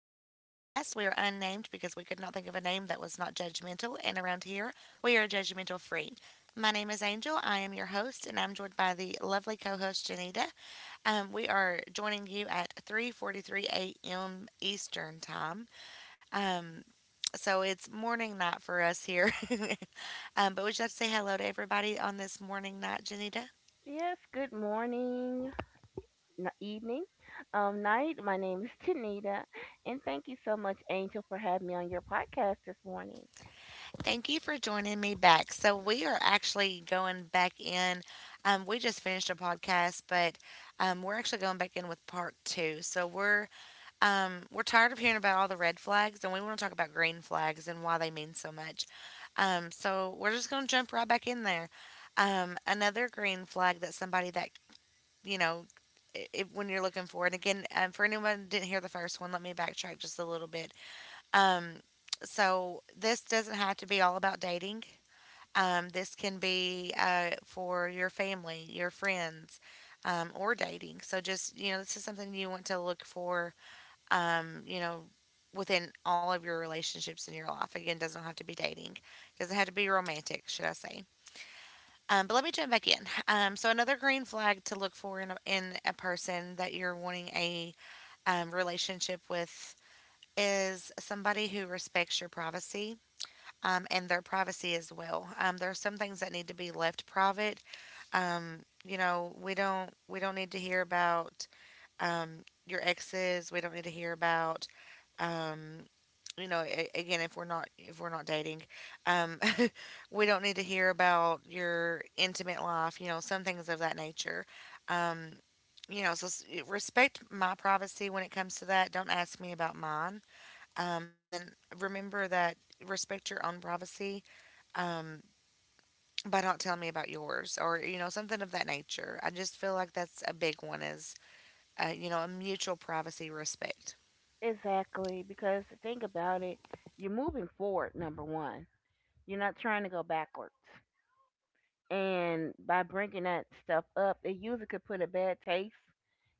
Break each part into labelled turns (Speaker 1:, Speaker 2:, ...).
Speaker 1: We are unnamed because we could not think of a name that was not judgmental, and around here, we are judgmental free. My name is Angel. I am your host, and I'm joined by the lovely co-host Janita. We are joining you at 3:43 a.m. Eastern time. Um, so it's morning night for us here. But would you like to say hello to everybody on this morning night, Janita?
Speaker 2: Yes, good morning, evening, night. My name is Tanita, and thank you so much, Angel, for having me on your podcast this morning.
Speaker 1: Thank you for joining me back. So, we are actually going back in. We just finished a podcast, but we're actually going back in with part two. So, we're tired of hearing about all the red flags, and we want to talk about green flags and why they mean so much. So, we're just going to jump right back in there. Another green flag that somebody that you know when you're looking for. And again, for anyone who didn't hear the first one, let me backtrack just a little bit. Um, so this doesn't have to be all about dating. This can be for your family, your friends, or dating. So just, you know, this is something you want to look for, you know, within all of your relationships in your life. Again, doesn't have to be dating, doesn't have to be romantic, should I say. But let me jump back in. So another green flag to look for in a person that you're wanting a relationship with is somebody who respects your privacy and their privacy as well. There are some things that need to be left private. Um, you know, we don't need to hear about um, your exes. We don't need to hear about um, you know a- again if we're not dating, um, we don't need to hear about your intimate life. You know, some things of that nature. Um, you know, so respect my privacy when it comes to that. Don't ask me about mine. And then remember that respect your own privacy um, by not telling me about yours or you know something of that nature. I just feel like that's a big one is you know a mutual privacy respect.
Speaker 2: Exactly, because the thing about it, you're moving forward, number one. You're not trying to go backwards. And by bringing that stuff up, it usually could put a bad taste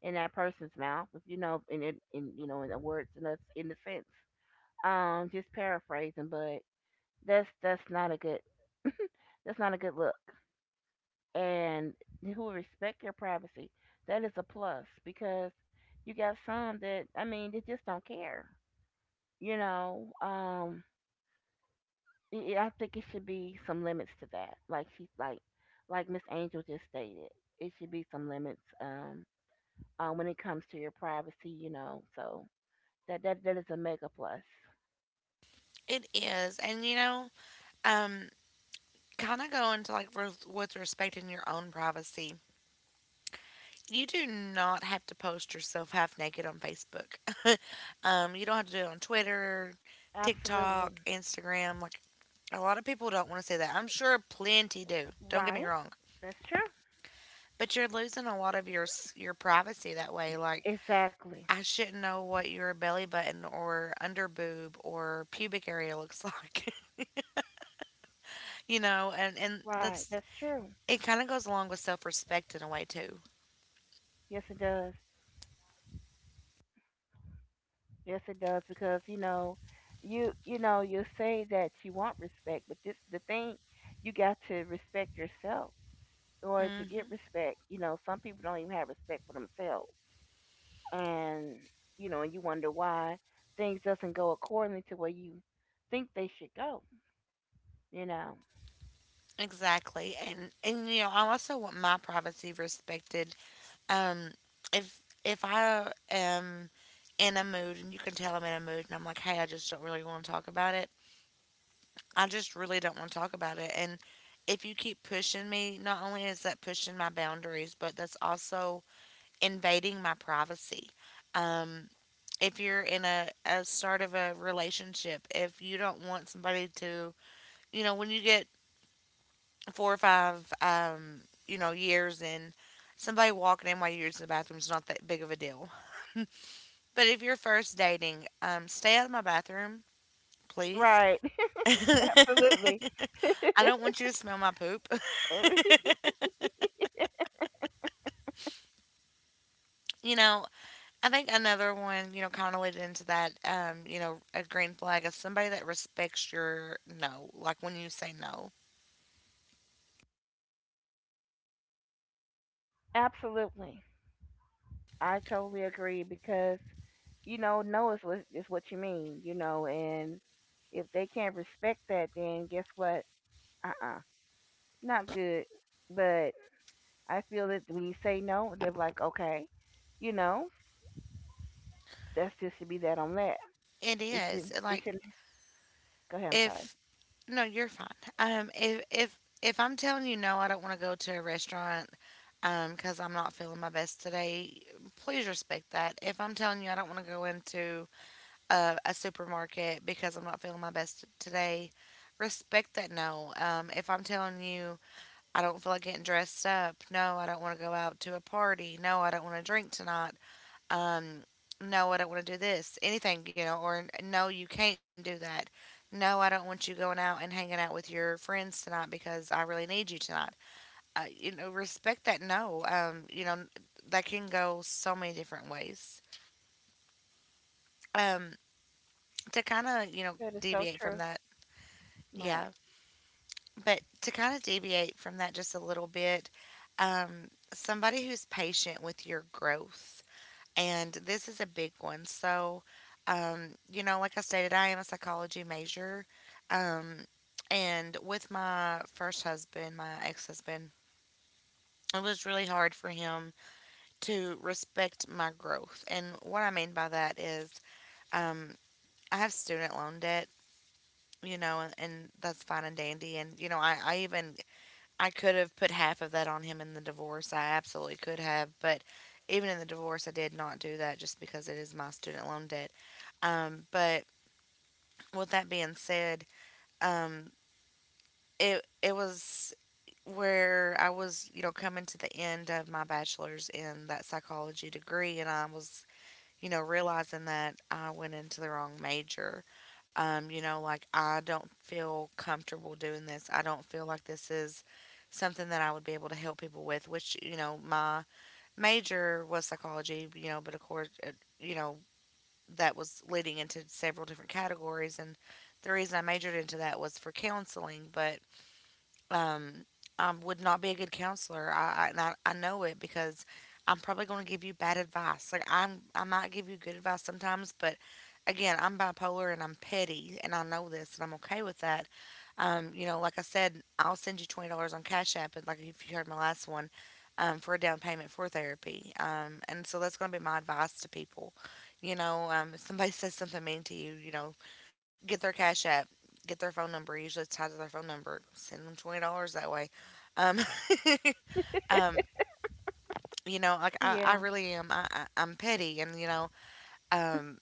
Speaker 2: in that person's mouth, if you know, in it, in you know, in the words, in the sense. Just paraphrasing, but that's not a good look. And who respect your privacy, that is a plus because you got some that I mean they just don't care. You know, I think it should be some limits to that. Like she, like Miss Angel just stated, it should be some limits. When it comes to your privacy, you know, so that is a mega plus.
Speaker 1: It is, and you know, um, kind of going to like with respecting your own privacy. You do not have to post yourself half naked on Facebook. You don't have to do it on Twitter,
Speaker 2: Absolutely,
Speaker 1: TikTok, Instagram. Like a lot of people don't want to say that. I'm sure plenty do. Don't get me
Speaker 2: right.
Speaker 1: wrong.
Speaker 2: That's true.
Speaker 1: But you're losing a lot of your privacy that
Speaker 2: E-
Speaker 1: way. Like
Speaker 2: Exactly.
Speaker 1: I shouldn't know what your belly button or under boob or pubic area looks like, you know, and
Speaker 2: Right.
Speaker 1: that's
Speaker 2: That's true.
Speaker 1: it. Kind of goes along with self respect in a way too.
Speaker 2: Yes, it does. Yes, it does because you know, you know, you say that you want respect, but this the thing you got to respect yourself in order to
Speaker 1: Mm hmm
Speaker 2: get respect. You know, some people don't even have respect for themselves, and you know, and you wonder why things doesn't go according to where you think they should go. You know,
Speaker 1: Exactly, and you know, I also want my privacy respected. Um, if I am in a mood and you can tell I'm in a mood, and I'm like, hey, I just don't really want to talk about it. I just really don't want to talk about it, and if you keep pushing me, not only is that pushing my boundaries, but that's also invading my privacy. Um, if you're in a start of a relationship, if you don't want somebody to, you know, when you get four or five, you know, years in, somebody walking in while you're using the bathroom is not that big of a deal. But if you're first dating, stay out of my bathroom, please.
Speaker 2: right? Absolutely.
Speaker 1: I don't want you to smell my poop. You know, I think another one, you know, kind of led into that, you know, a green flag is somebody that respects your no, like when you say no.
Speaker 2: Absolutely, I totally agree because you know, no is what you mean, you know, and if they can't respect that, then guess what? Uh, not good. But I feel that when you say no, they're like, okay, you know, that's just should be that on that.
Speaker 1: It
Speaker 2: It should
Speaker 1: is.
Speaker 2: it
Speaker 1: Like
Speaker 2: shouldn't. Go ahead. I'm sorry.
Speaker 1: if no, you're fine. Um, if I'm telling you no, I don't want to go to a restaurant cuz I'm not feeling my best today, please respect that. If I'm telling you I don't want to go into a supermarket because I'm not feeling my best today, respect that no. Um, if I'm telling you I don't feel like getting dressed up, no, I don't want to go out to a party. No, I don't want to drink tonight um, no, I don't want to do this, anything, you know, or no, you can't do that. No, I don't want you going out and hanging out with your friends tonight because I really need you tonight. You know, respect that no. You know, that can go so many different ways. Um, to kind of, you know,
Speaker 2: That is so
Speaker 1: deviate from
Speaker 2: true.
Speaker 1: that,
Speaker 2: Right.
Speaker 1: yeah, but to kind of deviate from that just a little bit, somebody who's patient with your growth, and this is a big one. So, you know, like I stated, I am a psychology major. Um, and with my first husband, my ex husband, it was really hard for him to respect my growth. And what I mean by that is, um, I have student loan debt, you know, and that's fine and dandy. And, you know, I could have put half of that on him in the divorce. I absolutely could have, but even in the divorce, I did not do that just because it is my student loan debt. But with that being said, um, it was where I was, you know, coming to the end of my bachelor's in that psychology degree, and I was, you know, realizing that I went into the wrong major. You know, like I don't feel comfortable doing this. I don't feel like this is something that I would be able to help people with, which, you know, my major was psychology, you know, but of course, it, you know, that was leading into several different categories. And the reason I majored into that was for counseling. But um, I would not be a good counselor. I, and I I know it because I'm probably going to give you bad advice. Like I'm, I might give you good advice sometimes, but again, I'm bipolar and I'm petty, and I know this, and I'm okay with that. You know, like I said, I'll send you $20 on Cash App, and like if you heard my last one, for a down payment for therapy. And so that's going to be my advice to people. You know, if somebody says something mean to you, you know, get their cash app, get their phone number. Usually it's tied to their phone number. Send them $20 that way. Um, um, you know, like I
Speaker 2: Yeah.
Speaker 1: really am. I'm petty, and you know, um,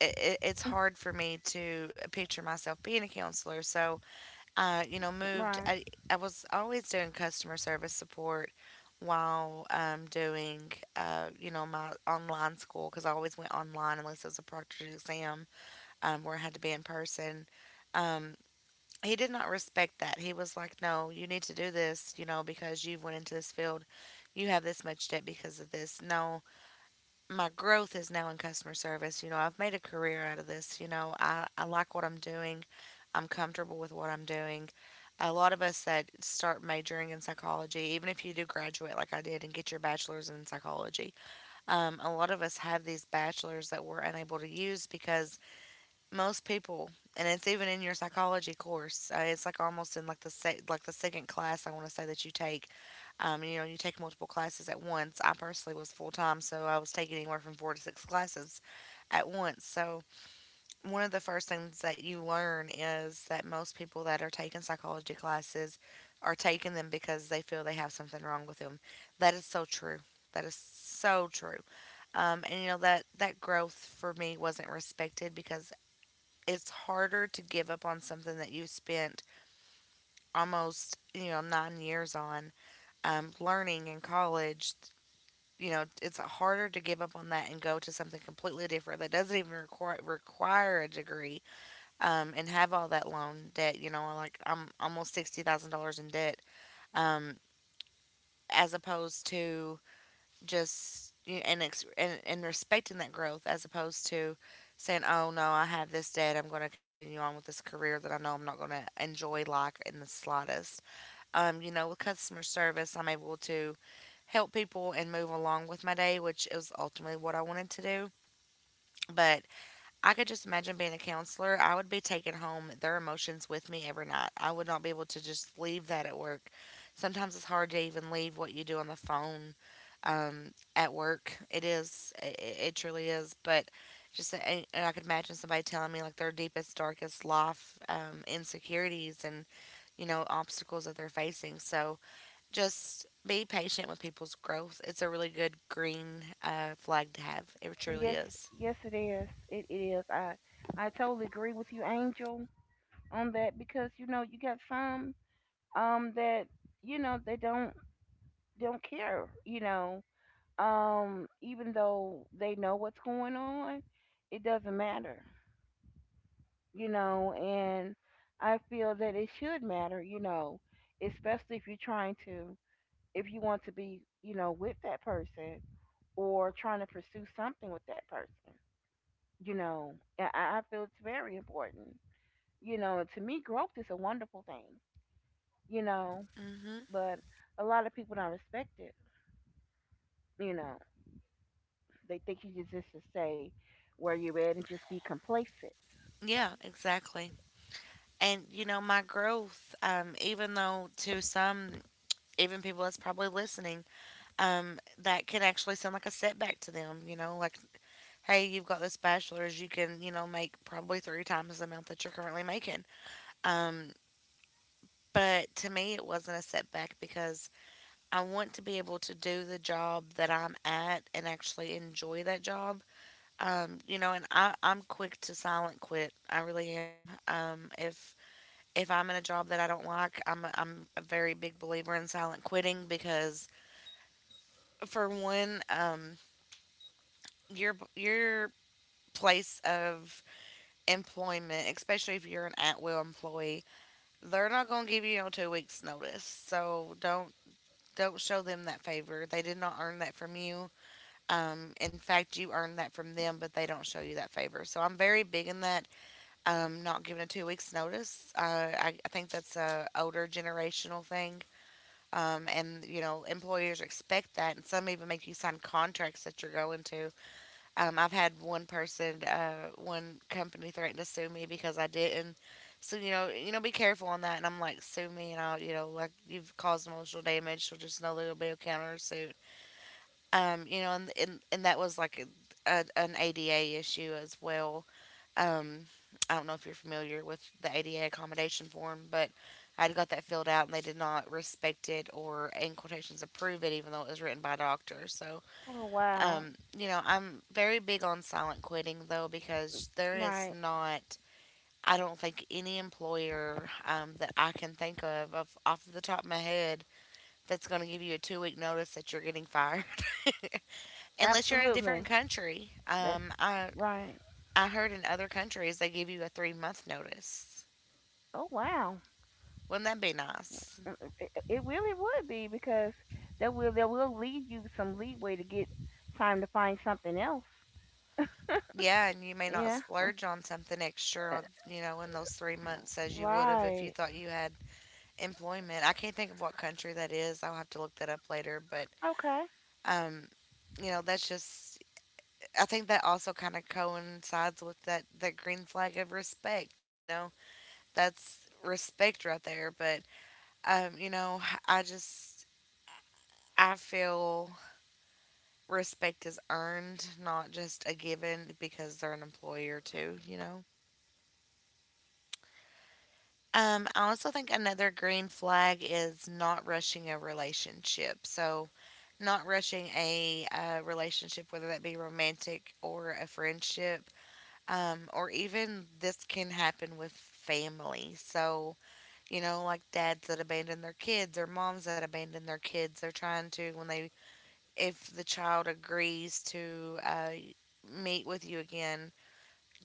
Speaker 1: it's hard for me to picture myself being a counselor. So, you know, moved.
Speaker 2: Right.
Speaker 1: I was always doing customer service support while doing, you know, my online school because I always went online unless it was a proctored exam where I had to be in person. Um, he did not respect that. He was like, "No, you need to do this, you know, because you've went into this field. You have this much debt because of this. No, my growth is now in customer service. You know, I've made a career out of this. You know, I like what I'm doing. I'm comfortable with what I'm doing. A lot of us that start majoring in psychology, even if you do graduate like I did and get your bachelor's in psychology, a lot of us have these bachelors that we're unable to use because most people, and it's even in your psychology course, it's like almost in like the like the second class, I want to say, that you take. You know, you take multiple classes at once. I personally was full-time, so I was taking anywhere from four to six classes at once. So one of the first things that you learn is that most people that are taking psychology classes are taking them because they feel they have something wrong with them. That is so true. That is so true. And you know that growth for me wasn't respected because it's harder to give up on something that you've spent almost, you know, 9 years on, learning in college. You know, it's harder to give up on that and go to something completely different that doesn't even require a degree, and have all that loan debt. You know, like I'm almost $60,000 in debt. um, as opposed to just you and respecting that growth, as opposed to saying, "Oh no, I have this debt. I'm going to continue on with this career that I know I'm not going to enjoy like in the slightest." You know, with customer service, I'm able to help people and move along with my day, which is ultimately what I wanted to do. But I could just imagine being a counselor. I would be taking home their emotions with me every night. I would not be able to just leave that at work. Sometimes it's hard to even leave what you do on the phone at work. It is. It truly is. But just, and I could imagine somebody telling me like their deepest, darkest life insecurities and, you know, obstacles that they're facing. So just be patient with people's growth. It's a really good green flag to have. It truly
Speaker 2: Yes.
Speaker 1: is.
Speaker 2: Yes, it is. It is. I totally agree with you, Angel, on that because you know you got some that you know they don't care, you know, um, even though they know what's going on, it doesn't matter, you know, and I feel that it should matter, you know, especially if you're trying to, if you want to be you know with that person or trying to pursue something with that person, you know, I feel it's very important, you know. To me growth is a wonderful thing, you know,
Speaker 1: Hmm.
Speaker 2: but a lot of people don't respect it, you know. They think you just to stay where you're at and just be complacent.
Speaker 1: Yeah, exactly. And you know, my growth, even though to some, even people that's probably listening, that can actually sound like a setback to them. You know, like, hey, you've got this bachelor's, you can, you know, make probably three times the amount that you're currently making. Um, but to me, it wasn't a setback because I want to be able to do the job that I'm at and actually enjoy that job. You know, and I'm quick to silent quit. I really am. If I'm in a job that I don't like, I'm a very big believer in silent quitting because for one, your place of employment, especially if you're an at will employee, they're not going to give you a 2 weeks notice. So don't show them that favor. They did not earn that from you. In fact, you earned that from them, but they don't show you that favor. So I'm very big in that. Not giving a 2 weeks notice. I think that's a older generational thing. And you know, employers expect that, and some even make you sign contracts that you're going to. I've had one person, one company threatened to sue me because I didn't. So you know, be careful on that. And I'm like, sue me, and I'll, you know, like you've caused emotional damage. So just know there'll be a counter suit. You know, and that was like an ADA issue as well. Um, I don't know if you're familiar with the ADA accommodation form, but I got that filled out and they did not respect it or, in quotations, approve it, even though it was written by a doctor. So,
Speaker 2: Oh wow.
Speaker 1: you know, I'm very big on silent quitting, though, because there is
Speaker 2: Right.
Speaker 1: not, I don't think, any employer that I can think of off the top of my head, that's going to give you a 2 week notice that you're getting fired. Unless you're in a different
Speaker 2: Absolutely.
Speaker 1: country.
Speaker 2: That's right.
Speaker 1: I heard in other countries they give you a 3 month notice.
Speaker 2: Oh wow.
Speaker 1: Wouldn't that be nice?
Speaker 2: Mm, it really would be because that will leave you some leeway to get time to find something else.
Speaker 1: Yeah, and you may not
Speaker 2: Yeah.
Speaker 1: splurge on something extra,
Speaker 2: Uh,
Speaker 1: on, you know, in those 3 months as you would have if you
Speaker 2: right.
Speaker 1: thought you had employment. I can't think of what country that is. I'll have to look that up later. But,
Speaker 2: Okay.
Speaker 1: um, you know, I think that also kind of coincides with that green flag of respect, you know? That's respect right there. But, you know, I just, I feel respect is earned, not just a given because they're an employer too, you know? I also think another green flag is not rushing a relationship. So, not rushing a relationship, whether that be romantic or a friendship, or even this can happen with family. So, you know, like dads that abandon their kids or moms that abandon their kids, they're trying to, when they, if the child agrees to meet with you again,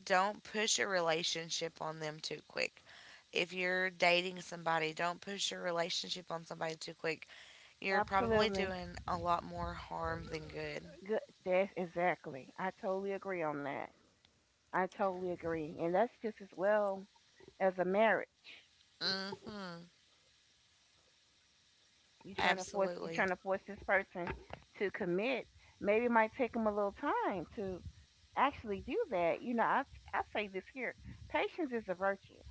Speaker 1: don't push a relationship on them too quick. If you're dating somebody, don't push your relationship on somebody too quick. You're probably
Speaker 2: Absolutely.
Speaker 1: doing a lot more harm than good.
Speaker 2: Good. That's exactly. I totally agree on that. I totally agree. And that's just as well as a marriage.
Speaker 1: Mm hmm.
Speaker 2: You
Speaker 1: Absolutely.
Speaker 2: trying to force this person to commit. Maybe it might take them a little time to actually do that. You know, I say this here: patience is a virtue,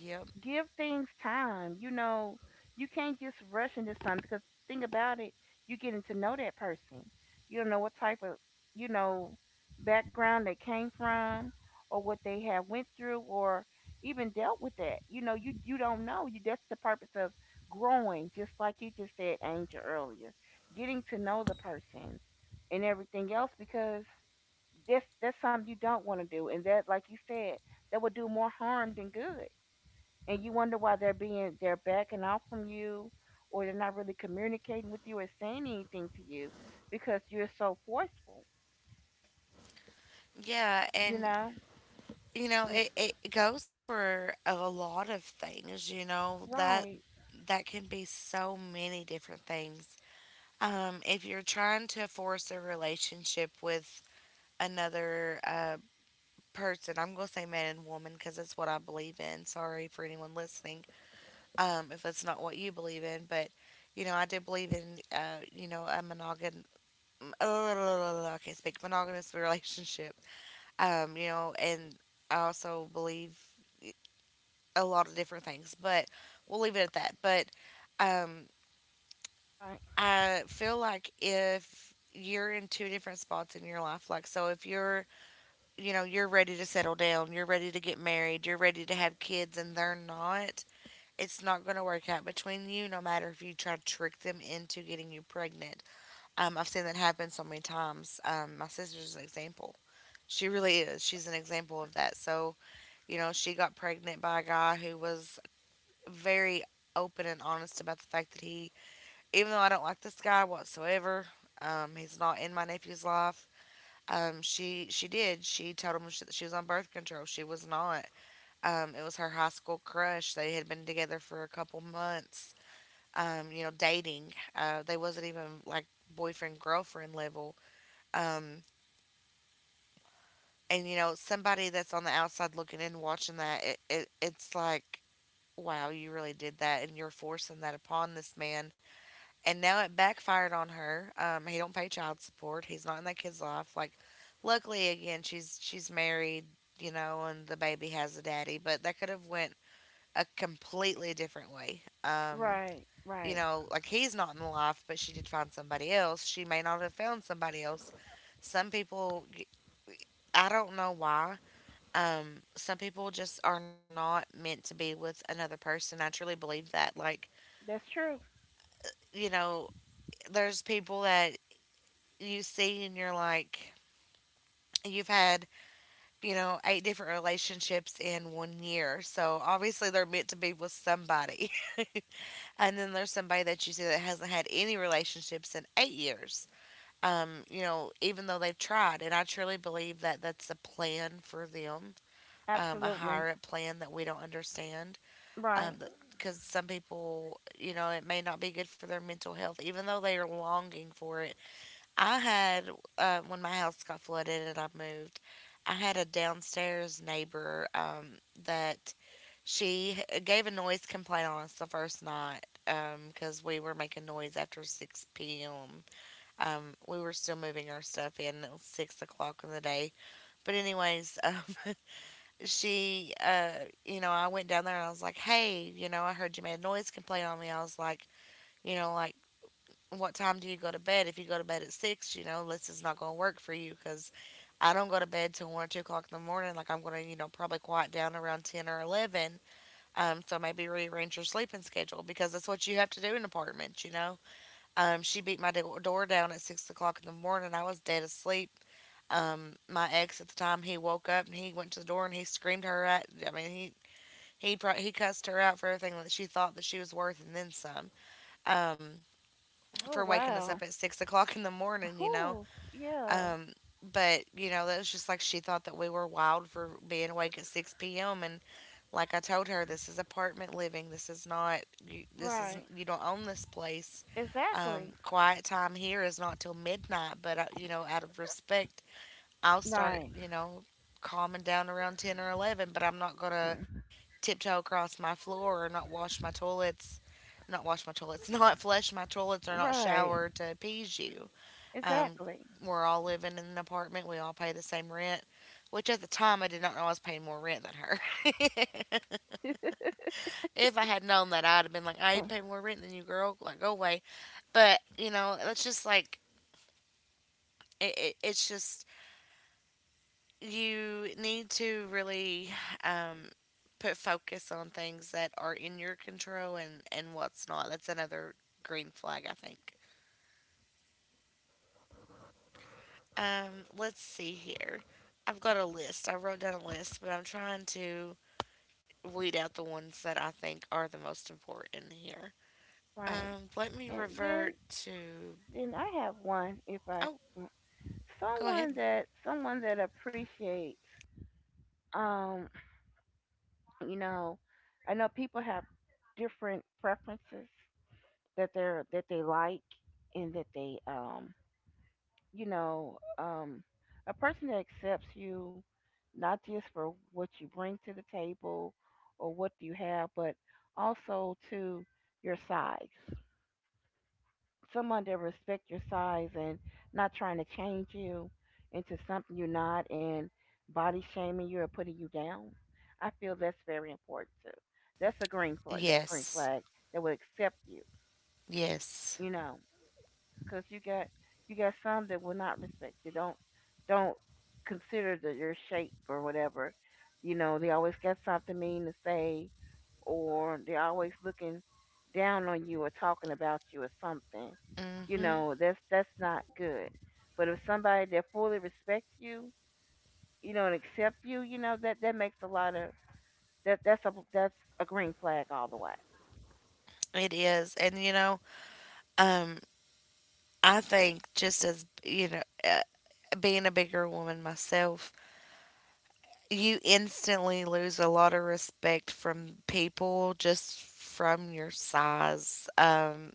Speaker 1: Yep.
Speaker 2: give things time. You know, you can't just rush into something because think about it, you are getting to know that person. You don't know what type of, you know, background they came from or what they have went through or even dealt with that. You know, you don't know. You that's the purpose of growing, just like you just said, Angel, earlier. Getting to know the person and everything else because that's something you don't want to do. And that like you said, that would do more harm than good, and you wonder why they're backing off from you or they're not really communicating with you or saying anything to you because you're so forceful,
Speaker 1: Yeah,
Speaker 2: you
Speaker 1: and
Speaker 2: know.
Speaker 1: you know,
Speaker 2: Yeah,
Speaker 1: it goes for a lot of things, you know, that
Speaker 2: right,
Speaker 1: that can be so many different things. If you're trying to force a relationship with another person, I'm going to say man and woman because that's what I believe in. Sorry for anyone listening if that's not what you believe in. But, you know, I do believe in, you know, a monogam. Oh, I can't speak monogamous relationship, you know, and I also believe a lot of different things, but we'll leave it at that. But um,
Speaker 2: right.
Speaker 1: I feel like if you're in two different spots in your life, like so, if you're, you know, you're ready to settle down, you're ready to get married, you're ready to have kids, and they're not, it's not going to work out between you, no matter if you try to trick them into getting you pregnant. I've seen that happen so many times. My sister's an example. She really is. She's an example of that. So, you know, she got pregnant by a guy who was very open and honest about the fact that he, even though I don't like this guy whatsoever, he's not in my nephew's life. She did. She told him she was on birth control. She was not. It was her high school crush. They had been together for a couple months. You know, dating. They wasn't even like boyfriend girlfriend level. Um, and you know, somebody that's on the outside looking in, watching that, it's like, wow, you really did that, and you're forcing that upon this man and now it backfired on her. He don't pay child support. He's not in that kid's life. Like, luckily again, she's married, you know, and the baby has a daddy. But that could have went a completely different way.
Speaker 2: Right,
Speaker 1: You
Speaker 2: right.
Speaker 1: know, like he's not in the life, but she did find somebody else. She may not have found somebody else. Some people, I don't know why. Some people just are not meant to be with another person. I truly believe that. Like,
Speaker 2: That's true.
Speaker 1: you know, there's people that you see and you're like, you've had, you know, eight different relationships in one year. So obviously they're meant to be with somebody. And then there's somebody that you see that hasn't had any relationships in 8 years. You know, even though they've tried. And I truly believe that that's a plan for them, a
Speaker 2: Absolutely.
Speaker 1: higher up plan that we don't understand.
Speaker 2: Right.
Speaker 1: That because some people, you know, it may not be good for their mental health, even though they are longing for it. I had, when my house got flooded and I moved, I had a downstairs neighbor that gave a noise complaint on us the first night because we were making noise after 6 p.m. We were still moving our stuff in. It was 6 o'clock in the day. But, anyways, she, uh, you know, I went down there and I was like, hey, you know, I heard you made a noise complaint on me. I was like, you know, like, what time do you go to bed? If you go to bed at six, you know, this is not going to work for you because I don't go to bed till 1 or 2 o'clock in the morning. Like I'm going to, you know, probably quiet down around 10 or 11. So maybe rearrange your sleeping schedule because that's what you have to do in apartments, you know. She beat my door down at 6 o'clock in the morning. I was dead asleep. My ex at the time, he woke up and he went to the door and he screamed her at, I mean, he cussed her out for everything that she thought that she was worth and then some. Um,
Speaker 2: Oh
Speaker 1: for waking us up
Speaker 2: wow.
Speaker 1: at 6 o'clock in the morning, you know.
Speaker 2: Whew. Yeah.
Speaker 1: Um, but you know, that was just like she thought that we were wild for being awake at six p.m. And like I told her, this is apartment living. This is not. This is,
Speaker 2: Right.
Speaker 1: you don't own this place.
Speaker 2: Exactly.
Speaker 1: Quiet time here is not till midnight. But you know, out of respect, I'll start.
Speaker 2: Right.
Speaker 1: You know, calming down around 10 or 11. But I'm not gonna
Speaker 2: Mm.
Speaker 1: tiptoe across my floor or not wash my toilets, not flush my toilets or not
Speaker 2: Right.
Speaker 1: shower to appease you. Um,
Speaker 2: Exactly.
Speaker 1: we're all living in an apartment. We all pay the same rent, which at the time I did not know I was paying more rent than her. If I had known that, I'd have been like, I
Speaker 2: Uh,
Speaker 1: pay more rent than you, girl. Like, go away. But, you know, it's just like, it's just you need to really um, put focus on things that are in your control and, what's not. That's another green flag, I think. Let's see here. I've got a list. I wrote down a list, but I'm trying to weed out the ones that I think are the most important here.
Speaker 2: right.
Speaker 1: Let me
Speaker 2: And then
Speaker 1: revert to.
Speaker 2: then I have one if I
Speaker 1: Oh,
Speaker 2: mm,
Speaker 1: go ahead.
Speaker 2: someone that appreciates, um, you know, I know people have different preferences that they like and that they, um, you know, um, a person that accepts you not just for what you bring to the table or what you have but also to your size, someone that respect your size and not trying to change you into something you're not and body shaming you or putting you down. I feel that's very important too. That's a green flag. That green
Speaker 1: Yes.
Speaker 2: flag that will accept you.
Speaker 1: Yes.
Speaker 2: You know, because you got some that will not respect you. Don't consider the, your shape or whatever. You know, they always got something mean to say or they're always looking down on you or talking about you or something. You
Speaker 1: Mhm.
Speaker 2: know, that's not good. But if somebody that fully respects you, you know, and accept you, you know, that that makes a lot of that's a green flag all the way.
Speaker 1: It is. And you know, um I think just as, you know, being a bigger woman myself, you instantly lose a lot of respect from people just from your size.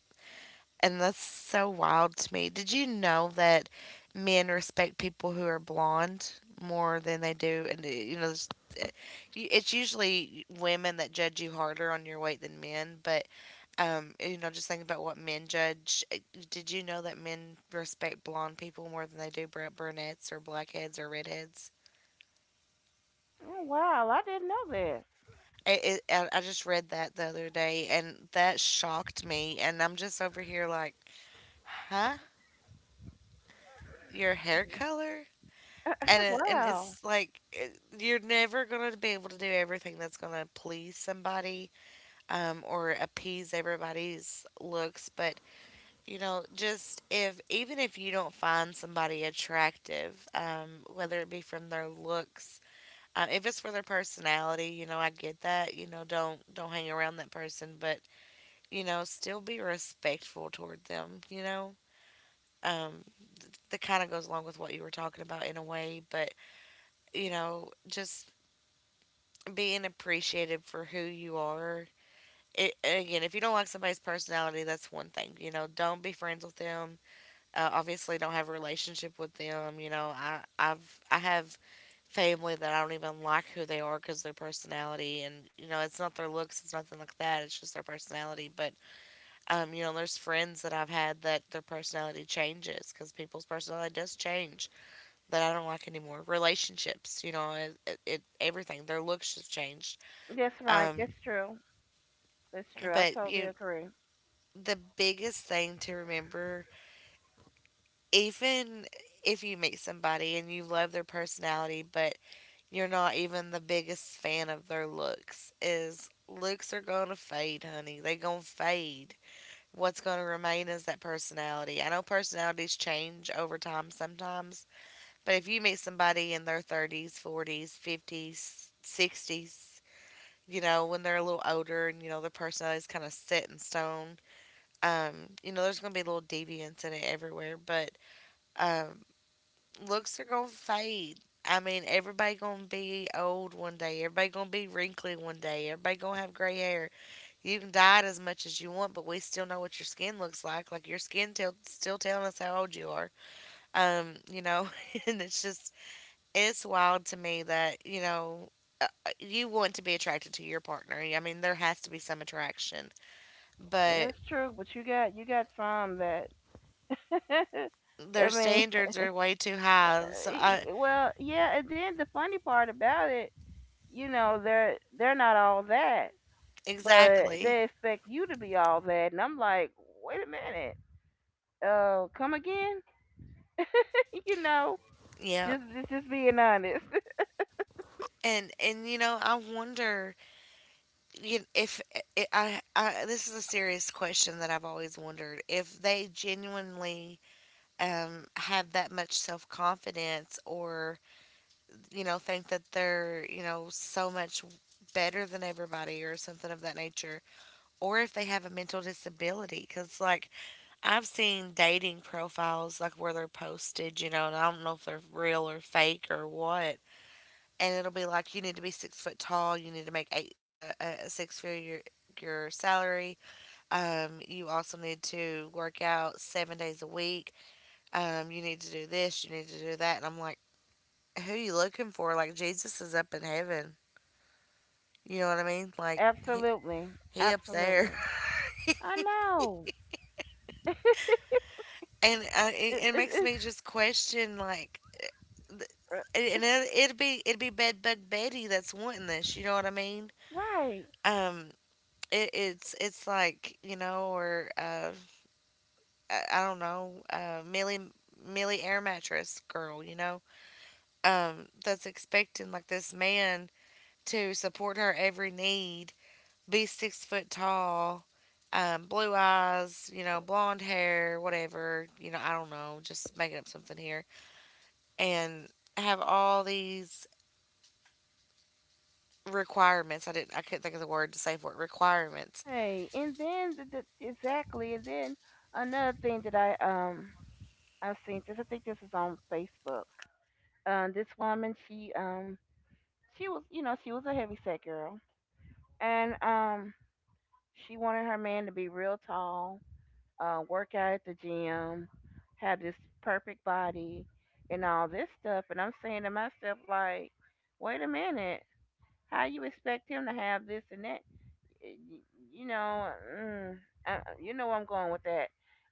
Speaker 1: And that's so wild to me. Did you know that men respect people who are blonde more than they do? And, you know, uh, it's usually women that judge you harder on your weight than men. But, you know, just think about what men judge. Did you know that men respect blonde people more than they do brunettes or blackheads or redheads?
Speaker 2: Oh wow, I didn't know
Speaker 1: I just read that the other day and that shocked me. And I'm just over here like, huh? Your hair color?
Speaker 2: that.
Speaker 1: And, and
Speaker 2: Wow.
Speaker 1: it's like, you're never going to be able to do everything that's going to please somebody or appease everybody's looks. But, you know, just if, even if you don't find somebody attractive, whether it be from their looks, if it's for their personality, you know, I get that. You know, don't hang around that person. But you know, still be respectful toward them, you know? Um, that kind of goes along with what you were talking about in a way, but, you know, just being appreciative for who you are. Again, if you don't like somebody's personality, that's one thing. You know, don't be friends with them. Obviously, don't have a relationship with them. You know, I have family that I don't even like who they are because their personality, and you know, it's not their looks, it's nothing like that. It's just their personality. But You know, there's friends that I've had that their personality changes because people's personality does change that I don't like anymore. Relationships, you know, it everything. Their looks have changed.
Speaker 2: That's right.
Speaker 1: Um,
Speaker 2: That's true. That's true. I
Speaker 1: but
Speaker 2: totally
Speaker 1: you,
Speaker 2: agree.
Speaker 1: the biggest thing to remember, even if you meet somebody and you love their personality, but you're not even the biggest fan of their looks, is looks are gonna fade, honey. They gonna fade what's going to remain is that personality. I know personalities change over time sometimes, but if you meet somebody in their 30s, 40s, 50s, 60s, you know, when they're a little older and, you know, their personality is kind of set in stone, you know, there's going to be little deviance in it everywhere, but um, looks are going to fade. I mean, everybody gonna be old one day. Everybody gonna be wrinkly one day. Everybody gonna have gray hair. You can dye it as much as you want, but we still know what your skin looks like. Like your skin tell still telling us how old you are. You know, and it's just it's wild to me that you know you want to be attracted to your partner. Yeah, I mean, there has to be some attraction, but
Speaker 2: That's true, but you got some that
Speaker 1: their
Speaker 2: I mean,
Speaker 1: standards are way too high. So I
Speaker 2: well, yeah, and then the funny part about it, you know, they're not all that but
Speaker 1: exactly,
Speaker 2: they expect you to be all that and I'm like, wait a minute, uh, come again. You know,
Speaker 1: yeah.
Speaker 2: just being honest.
Speaker 1: And you know, I wonder you- if I this is a serious question that I've always wondered if they genuinely have that much self confidence or, you know, think that they're, you know, so much better than everybody or something of that nature, or if they have a mental disability. Because, like, I've seen dating profiles, like, where they're posted, you know, and I don't know if they're real or fake or what. And it'll be like, you need to be 6 foot tall, you need to make a six figure your salary. You also need to work out 7 days a week you need to do this, you need to do that. And I'm like, who you looking for? Like, Jesus is up in heaven. You know what I mean? Like,
Speaker 2: Absolutely.
Speaker 1: he up there.
Speaker 2: Absolutely. I know
Speaker 1: And
Speaker 2: it,
Speaker 1: it
Speaker 2: it,
Speaker 1: makes
Speaker 2: it's
Speaker 1: me just question, like, th-
Speaker 2: uh,
Speaker 1: and it'd be Bed Bug Betty that's wanting this. You know what I mean?
Speaker 2: right.
Speaker 1: Um, it's like you know, or I don't know, Millie Air Mattress Girl. You know, that's expecting like this man to support her every need be 6 foot tall, blue eyes, you know, blonde hair, whatever, you know, I don't know, just making up something here, and have all these requirements. I didn't, I couldn't think of the word to say for it. Requirements.
Speaker 2: Hey, and then exactly. And then another thing that I've seen this, I think this is on Facebook, this woman, she was, you know, she was a heavy set girl, and um, she wanted her man to be real tall, work out at the gym, have this perfect body, and all this stuff. And I'm saying to myself, like, wait a minute, how you expect him to have this and that? Eh, y- you know, mm, I, you know where I'm going with that.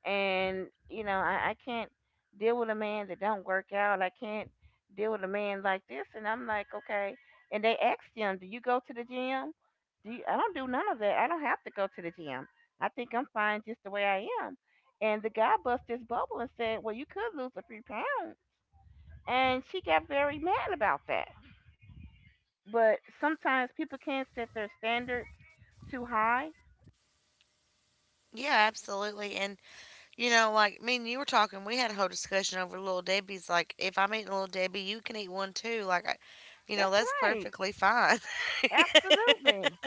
Speaker 2: And you know, I can't deal with a man that don't work out. I can't deal with a man like this. And I'm like, okay. And they asked him, "Do you go to the gym?" Do you, I don't do none of that. I don't have to go to the gym. I think I'm fine just the way I am. And the guy bust his bubble and said, "Well, you could lose a few pounds." And she got very mad about that. But sometimes people can set their standards too high.
Speaker 1: Yeah, absolutely. And you know, like me and you were talking, we had a whole discussion over little Debbie's. Like, if I'm eating a little Debbie, you can eat one too. Like, I, you know,
Speaker 2: That's
Speaker 1: that's
Speaker 2: right.
Speaker 1: perfectly fine.
Speaker 2: Absolutely.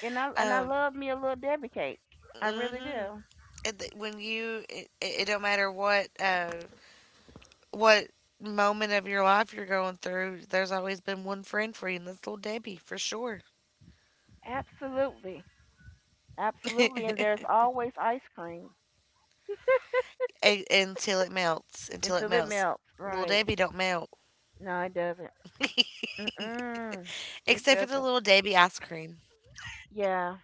Speaker 2: And I
Speaker 1: Um,
Speaker 2: love me a little Debbie cake. I really
Speaker 1: hmm
Speaker 2: do.
Speaker 1: It, when you, it don't matter what. What moment of your life you're going through, there's always been one friend for you, and that's little Debbie for sure.
Speaker 2: Absolutely. Absolutely. And there's always ice cream
Speaker 1: Until it melts, until it
Speaker 2: until it
Speaker 1: melts.
Speaker 2: melts.
Speaker 1: Little
Speaker 2: Right.
Speaker 1: Debbie don't melt,
Speaker 2: No, it doesn't. Mm-mm. It
Speaker 1: except for the
Speaker 2: doesn't.
Speaker 1: little Debbie ice cream.
Speaker 2: Yeah.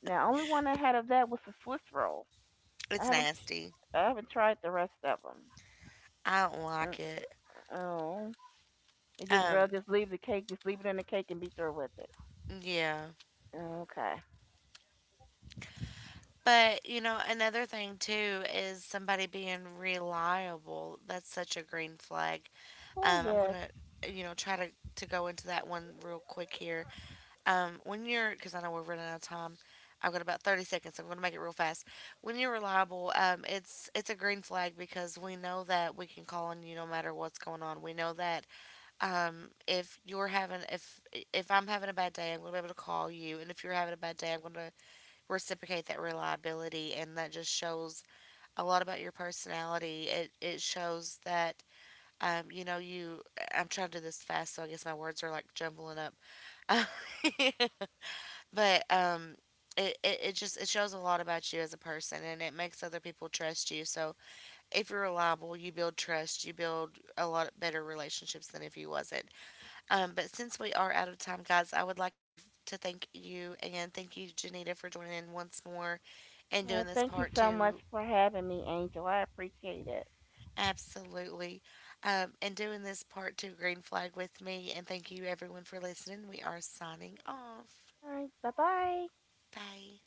Speaker 2: Now, only one I had of that was the Swiss roll. I
Speaker 1: It's
Speaker 2: haven't
Speaker 1: nasty.
Speaker 2: I haven't tried the rest of them.
Speaker 1: I don't like it.
Speaker 2: Oh. It just, well,
Speaker 1: Um,
Speaker 2: just leave the cake, just leave it in the cake and be through with it.
Speaker 1: yeah.
Speaker 2: Okay.
Speaker 1: But, you know, another thing too is somebody being reliable. That's such a green flag.
Speaker 2: Oh,
Speaker 1: Um, I'm
Speaker 2: yes.
Speaker 1: gonna, you know, try to go into that one real quick here. When you're, because I know we're running out of time, I've got about 30 seconds. So I'm going to make it real fast. When you're reliable, it's a green flag because we know that we can call on you no matter what's going on. We know that if you're having if I'm having a bad day, I'm going to be able to call you, and if you're having a bad day, I'm going to reciprocate that reliability, and that just shows a lot about your personality. It shows that you know you. I'm trying to do this fast, so I guess my words are like jumbling up. But it just it shows a lot about you as a person and it makes other people trust you. So if you're reliable you build trust, you build a lot better relationships than if you wasn't. But since we are out of time guys I would like you to thank you and thank you Janita for joining in once more and
Speaker 2: Yeah,
Speaker 1: doing this
Speaker 2: thank you
Speaker 1: part
Speaker 2: so much
Speaker 1: two.
Speaker 2: for having me, Angel. I appreciate it.
Speaker 1: Absolutely. And doing this part two green flag with me, and thank you everyone for listening. We are signing off.
Speaker 2: All right, bye bye.
Speaker 1: Bye.